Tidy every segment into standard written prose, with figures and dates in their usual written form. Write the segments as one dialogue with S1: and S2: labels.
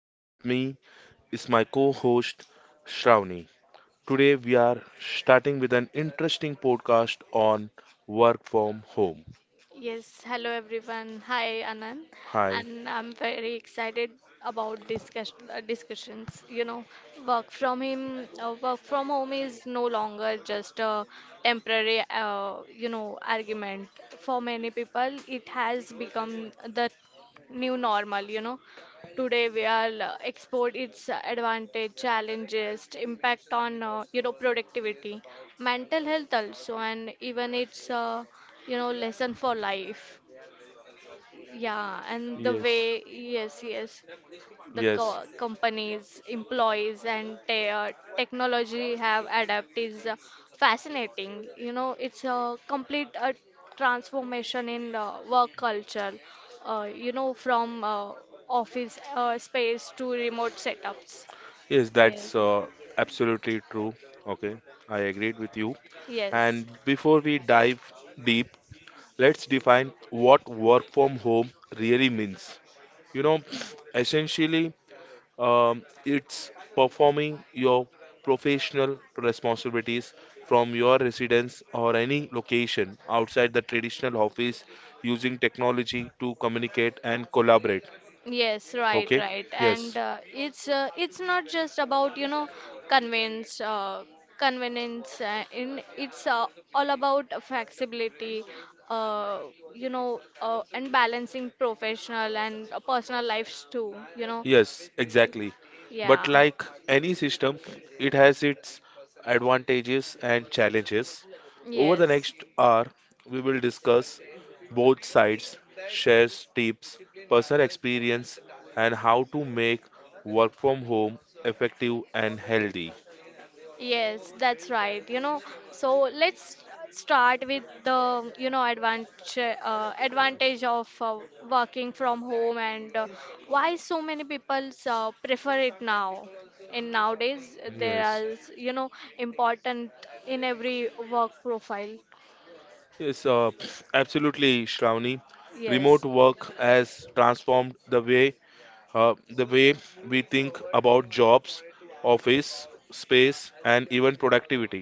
S1: and with me is my co host Shravani. Today, we are starting with an interesting podcast on work from home.
S2: Yes, hello everyone. Hi Anand,
S1: Hi,
S2: and I'm very excited about discussions. Work from work from home is no longer just a temporary argument. For many people, it has become the new normal. Today we are export its advantage, challenges, impact on productivity, mental health also, and even its lesson for life. Yeah, and the
S1: yes,
S2: way, yes, yes, the
S1: yes,
S2: co companies, employees, and te technology have adapt is fascinating. It's a complete transformation in work culture. From office space to remote setups.
S1: yes, that's absolutely true. Okay, I agreed with you.
S2: Yes,
S1: And before we dive deep, let's define what work from home really means. You know, essentially, it's
S2: yes,
S1: performing your professional responsibilities from your residence or any location outside the traditional office using technology to communicate and collaborate.
S2: yes, right,
S1: Okay?
S2: right, and
S1: Yes.
S2: it's not just about convenience, convenience, in it's All about flexibility, uh, and balancing professional and personal lives too, you know.
S1: Yes, exactly.
S2: Yeah.
S1: But like any system, it has its advantages and challenges. Over the
S2: Yes.
S1: next hour, we will discuss both sides, share tips, personal experience, and how to make work from home effective and healthy.
S2: Yes, that's right. So let's start with the, advantage of working from home and why so many people prefer it now. And nowadays there
S1: Yes,
S2: are, important in every work profile.
S1: yes, absolutely, Shravani. Remote
S2: Yes.
S1: work has transformed Uh, the way we think about jobs, office space, and even productivity.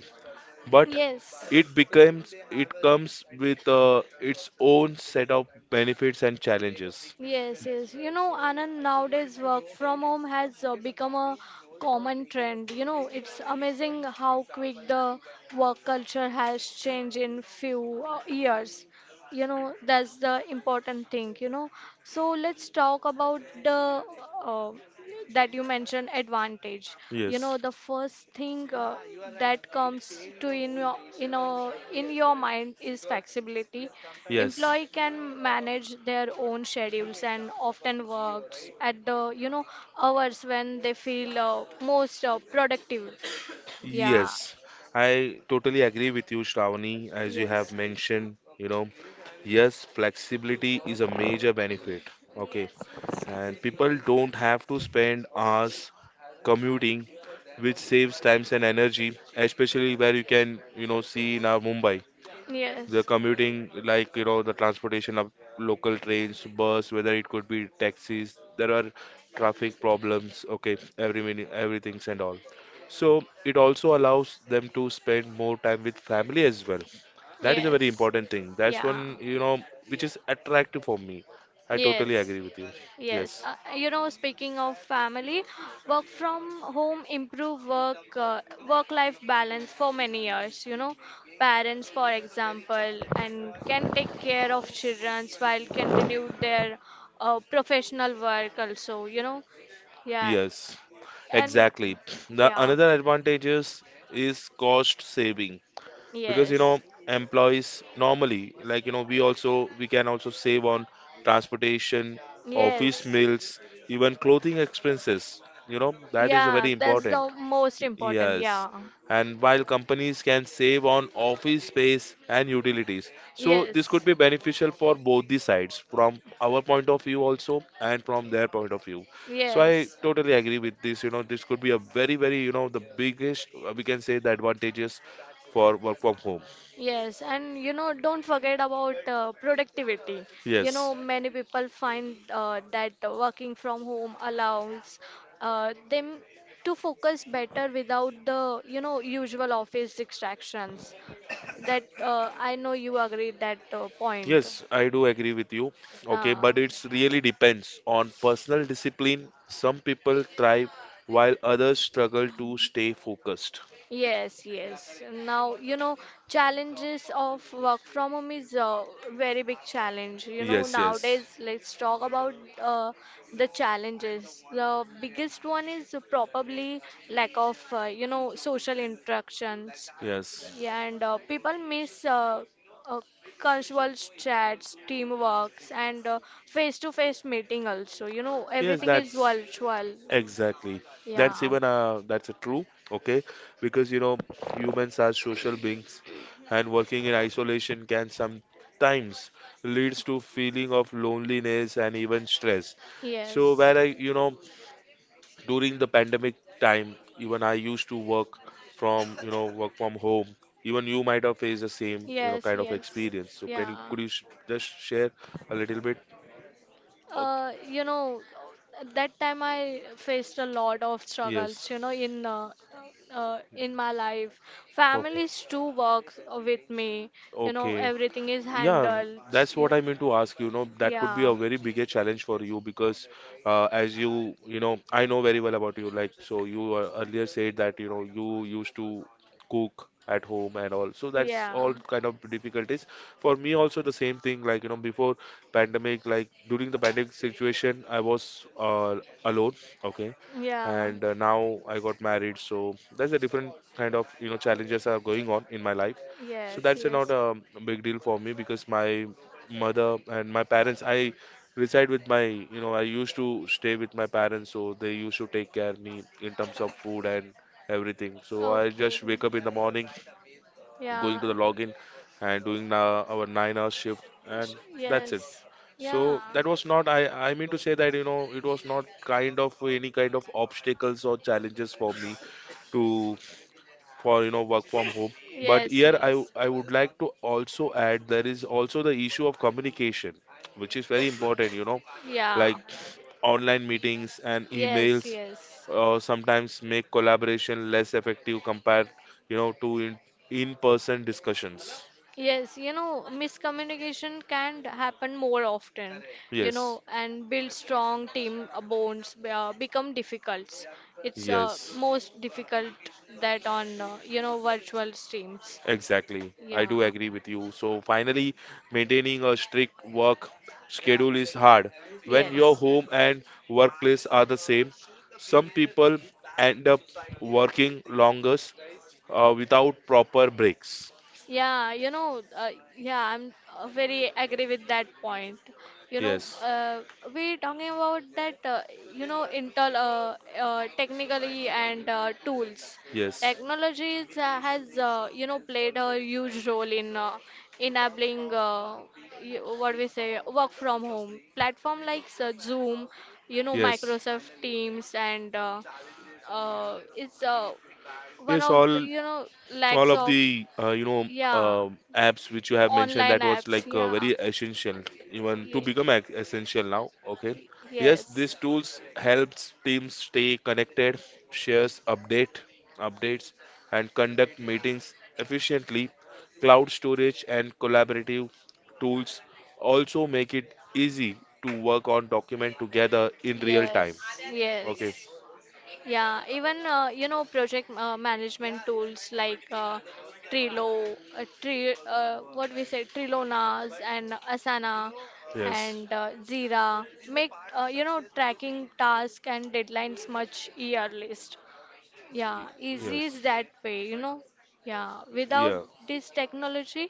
S1: But
S2: Yes.
S1: it becomes it comes with its own set of benefits and challenges.
S2: Yes, yes. Anand, nowadays work from home has become a common trend. It's amazing how quick the work culture has changed in few years. You know, that's the important thing, you know. So let's talk about the uh, that you mentioned advantage.
S1: Yes,
S2: The first thing that comes to in your mind is flexibility.
S1: yes,
S2: Employee can manage their own schedules and often works at the hours when they feel most productive. Yeah.
S1: yes. I totally agree with you, Shravani, as you have
S2: Yes.
S1: mentioned. You know, yes, flexibility is a major benefit. Okay, and people don't have to spend hours commuting, which saves times and energy, especially where you can, you know, see in our Mumbai, the
S2: Yes.
S1: commuting, like, you know, the transportation of local trains, bus, whether it could be taxis, there are traffic problems, okay, every minute, everything's and all. So it also allows them to spend more time with family as well. That is a very
S2: Yes.
S1: important thing. That's
S2: Yeah.
S1: one, you know, which is attractive for me. I totally
S2: Yes.
S1: agree with you.
S2: Yes,
S1: Yes.
S2: speaking of family, work from home improve work-life balance for many years. Parents, for example, and can take care of children while continue their professional work also. You know, yeah,
S1: Yes.
S2: and
S1: Exactly. The
S2: yeah,
S1: another advantages is cost saving because you know
S2: yes.
S1: employees normally like you know we can also save on transportation,
S2: Yes.
S1: office meals, even clothing expenses. You know that is
S2: Yeah,
S1: very
S2: that's
S1: important.
S2: the most important.
S1: Yes.
S2: Yeah.
S1: And while companies can save on office space and utilities, so this could
S2: Yes.
S1: be beneficial for both the sides, from our point of view also and from their point of view. So I
S2: Yes.
S1: totally agree with this. You know, this could be a very, very, you know, the biggest we can say the advantages for work from home.
S2: Yes, and don't forget about productivity.
S1: Yes.
S2: Many people find that working from home allows them to focus better without the, usual office distractions. That I know you agree that point.
S1: Yes, I do agree with you. Okay, but it's really depends on personal discipline. Some people thrive while others struggle
S2: Uh,
S1: to stay focused.
S2: Yes, yes. Now, challenges of work from home is a very big challenge.
S1: Yes, yes,
S2: Nowadays, let's talk about uh, the challenges. The biggest one is probably lack of, social interactions.
S1: yes,
S2: Yeah, and people miss uh, casual chats, teamworks, and face-to-face meeting also. You know,
S1: yes.
S2: everything is
S1: That's
S2: virtual.
S1: exactly.
S2: Yeah.
S1: That's a true. Okay, because you know humans are social beings, and working in isolation can sometimes leads to feeling of loneliness and even stress. So
S2: Yes.
S1: where I you know during the pandemic time, even I used to work from you know work from home. Even you might have faced the same you know
S2: Yes,
S1: kind of
S2: yes.
S1: experience. So can you
S2: Yeah.
S1: could you sh just share a little bit?
S2: Uh,
S1: Okay.
S2: you know, at that time I faced a lot of
S1: Yes.
S2: struggles, in my life.
S1: Okay.
S2: Families too work with me, you know,
S1: Okay.
S2: everything is
S1: Yeah,
S2: handled.
S1: that's what
S2: Yeah.
S1: I mean to ask. You know, that could be a
S2: Yeah.
S1: very bigger challenge for you because, as you, you know, I know very well about you. Like, so you earlier said that, you know, you used to cook at home and all. So that's
S2: Yeah,
S1: all kind of difficulties. For me, also the same thing. Like, you know, before pandemic, like during the pandemic situation, I was alone. Okay.
S2: yeah,
S1: And now I got married. So that's a different kind of, you know, challenges are going on in my life. So
S2: yes,
S1: that's not
S2: yes.
S1: a big deal for me because my mother and my parents, I reside with my, you know, I used to stay with my parents, so they used to take care of me in terms of food and everything. So I
S2: Okay,
S1: just wake up in the morning, going
S2: yeah,
S1: to the login and doing our 9 hour shift, and that's it.
S2: yes,
S1: So that was not, I mean to say that, you know, it was not kind of any
S2: yeah,
S1: kind of obstacles or challenges for me to for you know work from home. But
S2: yes,
S1: here i w-
S2: yes.
S1: i would like to also add there is also the issue of communication, which is very important, you know,
S2: Yeah.
S1: like online meetings and
S2: Yes,
S1: emails
S2: yes.
S1: sometimes make collaboration less effective compared you know to in person discussions.
S2: Yes, you know, miscommunication can happen more often,
S1: Yes,
S2: and build strong team bonds become difficult. It's
S1: yes.
S2: most difficult that on, virtual streams.
S1: Exactly. I
S2: Yeah,
S1: do agree with you. So finally, maintaining a strict work schedule is hard. When your
S2: yes.
S1: home and workplace are the same, some people end up working longest without proper breaks.
S2: Yeah, yeah, I'm very agree with that point. You know,
S1: Yes,
S2: uh, we talking about that, you know, intel technically and tools.
S1: yes,
S2: Technologies has, played a huge role in enabling what we say work from home. Platform like Zoom,
S1: yes.
S2: Microsoft Teams and it's one
S1: Yes,
S2: of the
S1: all all
S2: lacks
S1: of
S2: of
S1: the you know
S2: yeah
S1: apps which you have mentioned
S2: online
S1: that was
S2: apps
S1: like
S2: yeah
S1: very essential even to
S2: Ye-
S1: become essential now, okay. Yes, these
S2: yes
S1: tools helps teams stay connected, shares update updates, and conduct meetings efficiently. Cloud storage and collaborative tools also make it easy to work on document together in real time,
S2: yes
S1: okay.
S2: yes yeah, even project management tools like Trello, Tre what we say Trilonas and Asana
S1: Yes.
S2: and Jira make tracking task and deadlines much earliest.
S1: Y-
S2: Yeah, easy is
S1: yes.
S2: that way, you know. Yeah, without
S1: Yeah.
S2: this technology,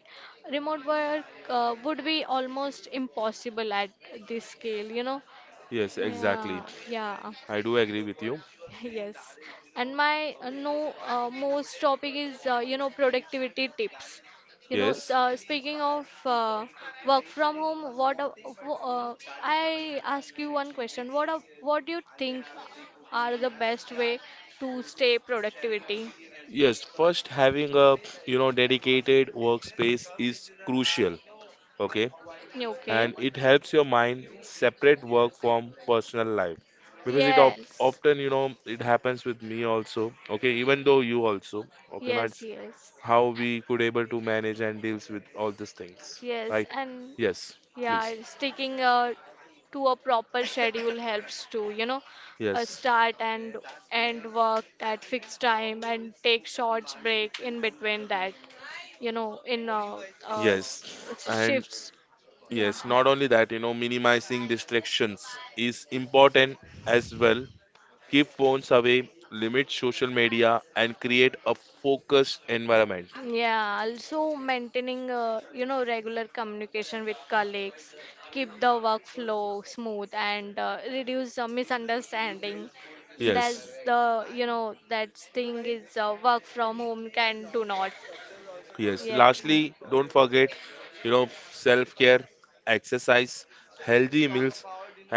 S2: remote work would be almost impossible at this scale, you know.
S1: Yes,
S2: Yeah,
S1: exactly.
S2: yeah.
S1: I do agree with you.
S2: Yes, and my no most topic is productivity tips.
S1: Yes.
S2: Speaking of work from home, I ask you one question. What do you think are the best way to stay productivity?
S1: Yes, first having a, you know, dedicated workspace is crucial, okay?
S2: Okay.
S1: And it helps your mind separate work from personal life because it op
S2: Yes.
S1: often, you know, it happens with me also, okay? Even though you also, okay? Now
S2: Yes,
S1: it's
S2: yes.
S1: how we could able to manage and deals with all these things,
S2: Yes,
S1: right?
S2: and
S1: Yes, please.
S2: yeah, sticking to a proper schedule helps to,
S1: Yes.
S2: start and end work at fixed time and take short break in between that, you know, in uh,
S1: Yes. And
S2: shifts. Yeah.
S1: yes, not only that, you know, minimizing distractions is important as well. Keep phones away, limit social media, and create a focused environment.
S2: Yeah, also maintaining, regular communication with colleagues, keep the workflow smooth and reduce misunderstanding. That's
S1: Yes,
S2: the, that thing is work from home can do not.
S1: yes.
S2: Yeah.
S1: Lastly, don't forget, you know, self care, exercise, healthy meals,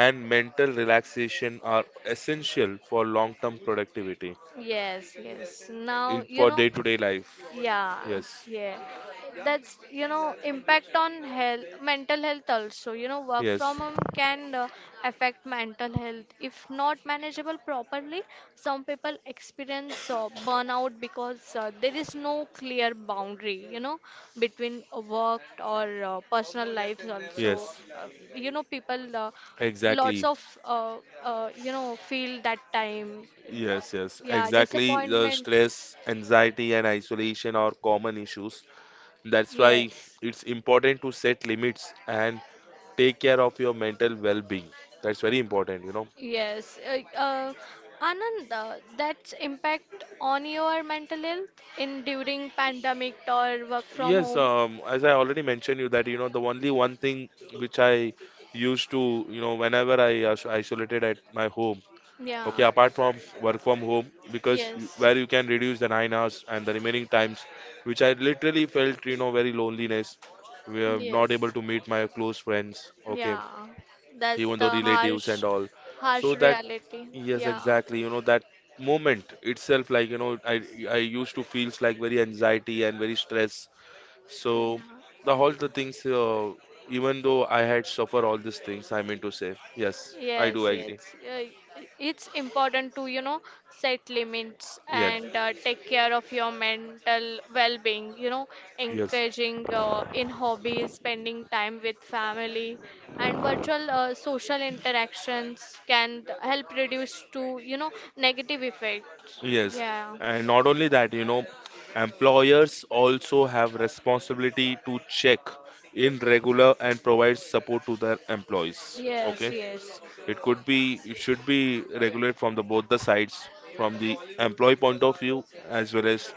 S1: and mental relaxation are essential for long term productivity
S2: Yes, yes. Now,
S1: in
S2: you
S1: for
S2: know,
S1: day to day life.
S2: yeah,
S1: Yes,
S2: yeah. That's, impact on health, mental health also. Work from
S1: yes,
S2: home can affect mental health. If not manageable properly, some people experience burnout because there is no clear boundary, between work or personal life also.
S1: yes,
S2: You know, people lots
S1: exactly.
S2: of you know Feel that time uh,
S1: Yes, yes,
S2: yeah,
S1: exactly. The
S2: disappointment.
S1: stress, anxiety, and isolation are common issues. That's why
S2: Yes.
S1: it's important to set limits and take care of your mental well-being. That's very important, you know.
S2: Yes. Anand, that's impact on your mental health in during pandemic or work from
S1: Yes,
S2: home.
S1: as I already mentioned you that, you know, the only one thing which I used to, you know, whenever I isolated at my home, okay,
S2: Yeah.
S1: apart from work from home, because you-
S2: Yes.
S1: where you can reduce the 9 hours and the remaining times, which I literally felt, you know, very loneliness. We are
S2: Yes.
S1: not able to meet my close friends, okay,
S2: Yeah. That's
S1: even though
S2: the
S1: relatives and all. So
S2: harsh
S1: that,
S2: reality.
S1: yes,
S2: Yeah.
S1: exactly, you know, that moment itself, like, you know, I used to feels like very anxiety and very stress. So the all the things, even
S2: Yeah.
S1: though I had suffer all these things, I mean to say, yes, I do
S2: Yes,
S1: agree.
S2: yes. It's important to, set limits
S1: Yeah,
S2: and take care of your mental well-being,
S1: yes.
S2: engaging in hobbies, spending time with family, and virtual social interactions can help reduce to, negative effects.
S1: Yes,
S2: Yeah.
S1: and not only that, you know, employers also have responsibility to check in regular and provide support to their employees.
S2: Yes,
S1: Okay,
S2: yes.
S1: it should be regulated from the both the sides, from the employee point of view as well as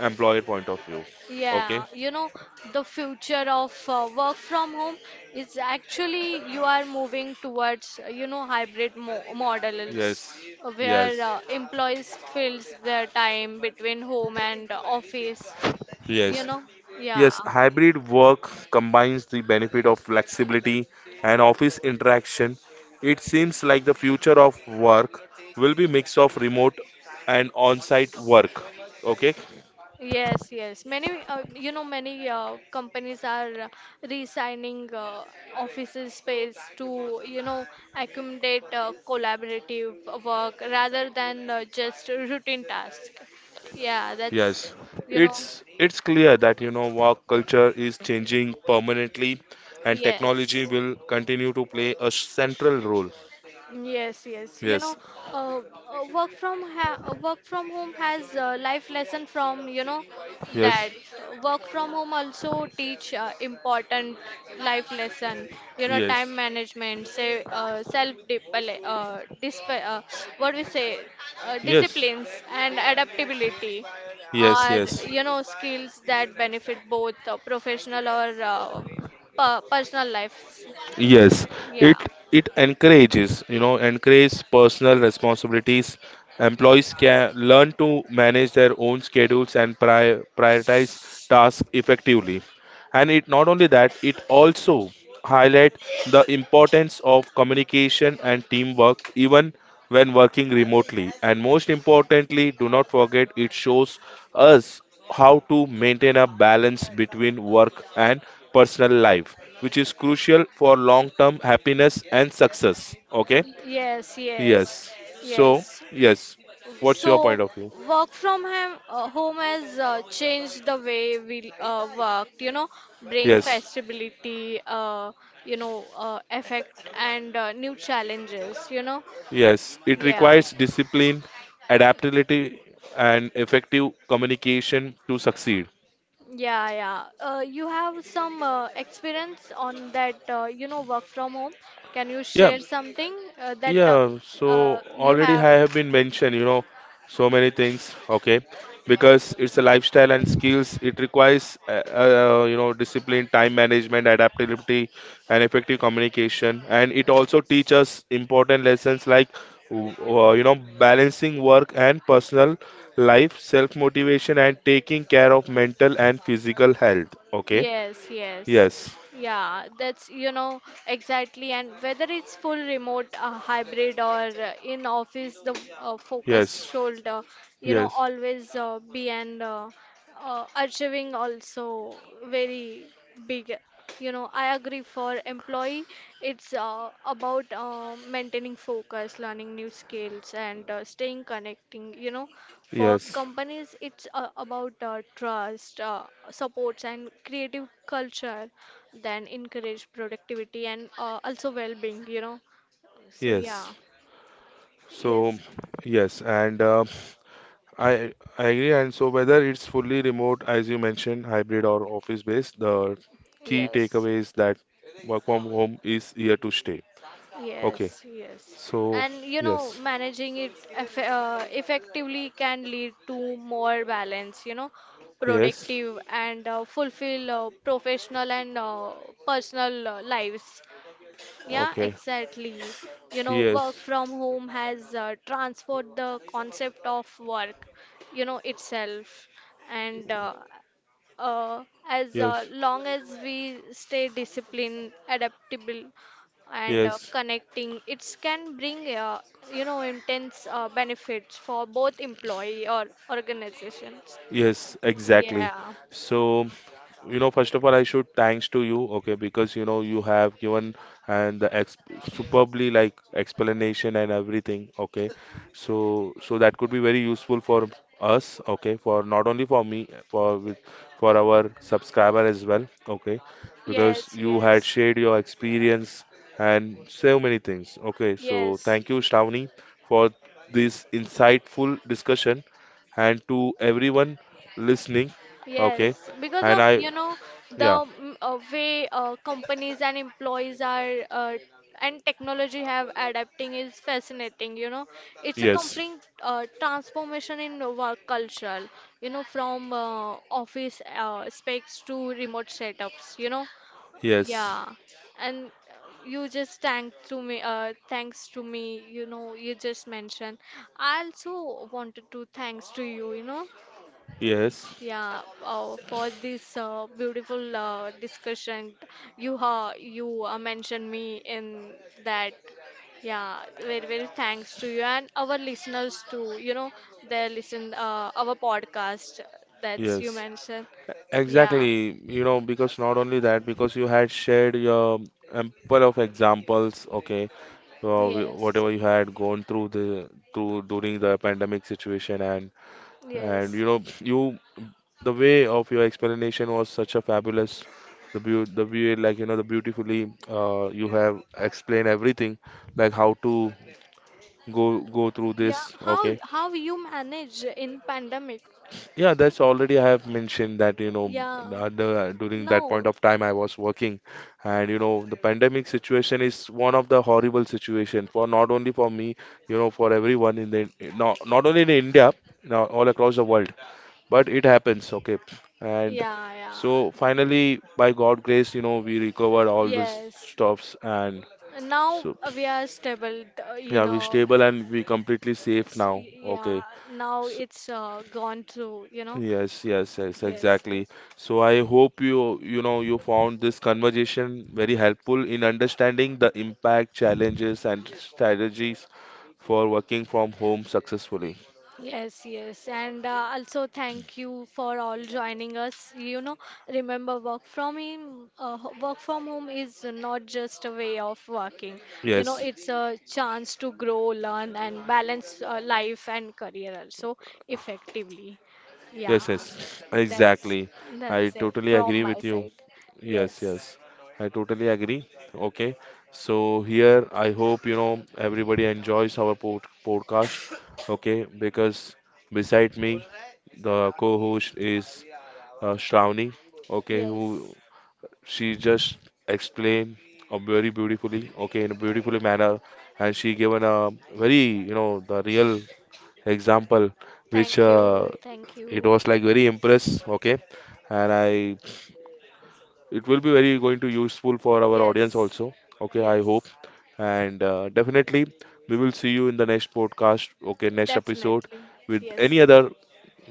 S1: employer point of view.
S2: Yeah,
S1: Okay,
S2: the future of work from home is actually you are moving towards, hybrid mo models
S1: yes,
S2: where
S1: yes,
S2: employees fills their time between home and office, you
S1: yes.
S2: know. Yeah.
S1: Yes, hybrid work combines the benefit of flexibility and office interaction. It seems like the future of work will be mix of remote and on-site work. Okay?
S2: Yes, yes. Many, many companies are resigning offices space to, accommodate collaborative work rather than just routine task. Yeah, that's,
S1: Yes.
S2: you know,
S1: It's clear that you know work culture is changing permanently and
S2: yes.
S1: technology will continue to play a central role.
S2: Yes, yes.
S1: Yes.
S2: Uh, Work from home has life lesson from, you know, that
S1: Yes.
S2: work from home also teach important life lesson,
S1: Yes.
S2: time management, say self dip disp what we say,
S1: Yes.
S2: disciplines and adaptability
S1: Yes,
S2: are,
S1: yes.
S2: skills that benefit both professional or personal lives.
S1: Yes,
S2: Yeah.
S1: it it encourages, you know, encourages personal responsibilities. Employees can learn to manage their own schedules and prioritize tasks effectively. And it not only that, it also highlight the importance of communication and teamwork even when working remotely. And most importantly, do not forget it shows us how to maintain a balance between work and personal life, which is crucial for long term happiness and success. Okay,
S2: Yes, yes,
S1: yes. So,
S2: yes.
S1: yes, what's your
S2: So,
S1: point of view?
S2: work from home has changed the way we worked, bring
S1: Yes,
S2: flexibility, effect and new challenges, you know.
S1: yes, it
S2: Yeah,
S1: requires discipline, adaptability, and effective communication to succeed.
S2: yeah, yeah. You have some experience on that, work from home. Can you
S1: Yeah,
S2: share something that
S1: yeah, so
S2: you
S1: already
S2: have?
S1: I have been mentioned, you know, so many things, okay, because it's a lifestyle and skills. It requires, you know, discipline, time management, adaptability, and effective communication. And it also teaches important lessons like, w- you know, balancing work and personal life, self-motivation, and taking care of mental and physical health. Okay.
S2: Yes, yes.
S1: Yes.
S2: Yeah, that's, exactly. And whether it's full remote, hybrid, or in office, the focus
S1: Yes.
S2: should,
S1: Yes.
S2: always be and achieving also very big. I agree for employee, it's about maintaining focus, learning new skills, and staying connecting, for
S1: Yes.
S2: companies, it's about trust, supports, and creative culture, then encourage productivity and also well-being, you know. So,
S1: Yes.
S2: yeah,
S1: So,
S2: yes,
S1: yes, and I I agree. And so, whether it's fully remote, as you mentioned, hybrid or office based, the key
S2: yes.
S1: takeaway is that work from home is here to stay. Okay.
S2: Yes, yes.
S1: So,
S2: And
S1: yes,
S2: managing it effectively can lead to more balance,
S1: yes,
S2: productive and fulfill professional and personal lives. Yeah,
S1: okay,
S2: exactly. Work
S1: yes.
S2: from home has transformed the concept of work, itself. And as
S1: Yes.
S2: long as we stay disciplined, adaptable, and
S1: Yes.
S2: connecting, it can bring, intense benefits for both employee or organizations.
S1: Yes, exactly.
S2: Yeah.
S1: So you know first of all I should thanks to you, okay, because you know you have given and the superbly like explanation and everything, okay. So so that could be very useful for us, okay, for not only for me, for with for our subscriber as well, okay, because
S2: Yes,
S1: you had
S2: yes.
S1: shared your experience and so many things, okay. So
S2: Yes.
S1: thank you, Shravani, for this insightful discussion, and to everyone listening, okay,
S2: Yes, because
S1: and
S2: of
S1: I yeah.
S2: way companies and employees are and technology have adapting is fascinating. It's a
S1: Yes.
S2: complete transformation in work culture. From office specs to remote setups. You know.
S1: Yes.
S2: Yeah, and you just thank to me. Thanks to me, you know, you just mentioned. I also wanted to thanks to you,
S1: Yes.
S2: yeah, for this beautiful discussion. You mentioned me in that. Yeah, very very thanks to you and our listeners too. They listen our podcast. That's you
S1: Yes.
S2: mentioned. Yeah.
S1: Exactly. You know, because not only that, because you had shared your ample of examples, okay,
S2: Yes.
S1: whatever you had gone through the through during the pandemic situation, and
S2: Yes.
S1: you know, you the way of your explanation was such a fabulous, the way like you know the beautifully you have explained everything, like how to go through this,
S2: Yeah,
S1: okay.
S2: how you manage in pandemic?
S1: Yeah, that's already I have mentioned that, you know,
S2: Yeah,
S1: during that
S2: no,
S1: point of time I was working and you know the pandemic situation is one of the horrible situation for not only for me, you know, for everyone in the not only in India, now all across the world, but it happens, okay. And
S2: yeah, yeah,
S1: so finally by God grace, you know, we recovered all these
S2: yes.
S1: stuffs and
S2: Now
S1: so
S2: we are stable, you
S1: yeah, we're
S2: know.
S1: stable and we completely safe now,
S2: Yeah,
S1: okay.
S2: now it's gone through, you know.
S1: Yes, yes, yes,
S2: Yes,
S1: exactly.
S2: yes.
S1: So I hope you, you know, you found this conversation very helpful in understanding the impact, challenges, and strategies for working from home successfully.
S2: Yes, yes, and also thank you for all joining us. Remember work from home. Work from home is not just a way of working.
S1: Yes,
S2: It's a chance to grow, learn, and balance life and career also effectively. Yeah,
S1: yes, yes,
S2: that's
S1: exactly. I
S2: that's it
S1: totally
S2: from
S1: agree
S2: my
S1: with you.
S2: side.
S1: Yes,
S2: Yes,
S1: yes, I totally agree. Okay, so here I hope you know everybody enjoys our podcast. Okay, because beside me the co-host is Shravani, okay,
S2: yes.
S1: who she just explained very beautifully, okay, in a beautiful manner, and she given a very, you know, the real example, which
S2: Thank you, thank
S1: it
S2: you.
S1: was like very impressed, okay, and I, it will be very going to useful for our audience
S2: Yes,
S1: also, okay, I hope,
S2: yes.
S1: and definitely we will see you in the next podcast, okay, next episode
S2: Definitely.
S1: with
S2: Yes.
S1: any other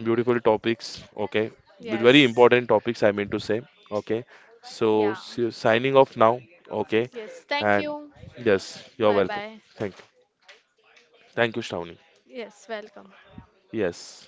S1: beautiful topics. Okay, with very
S2: Yes.
S1: important topics, I mean to say. Okay, so
S2: Yeah.
S1: signing off now. Okay,
S2: Yes. Thank
S1: and
S2: you.
S1: yes, you're
S2: Bye
S1: welcome.
S2: bye.
S1: Thank you. Thank you, Shravani.
S2: Yes. Welcome.
S1: Yes.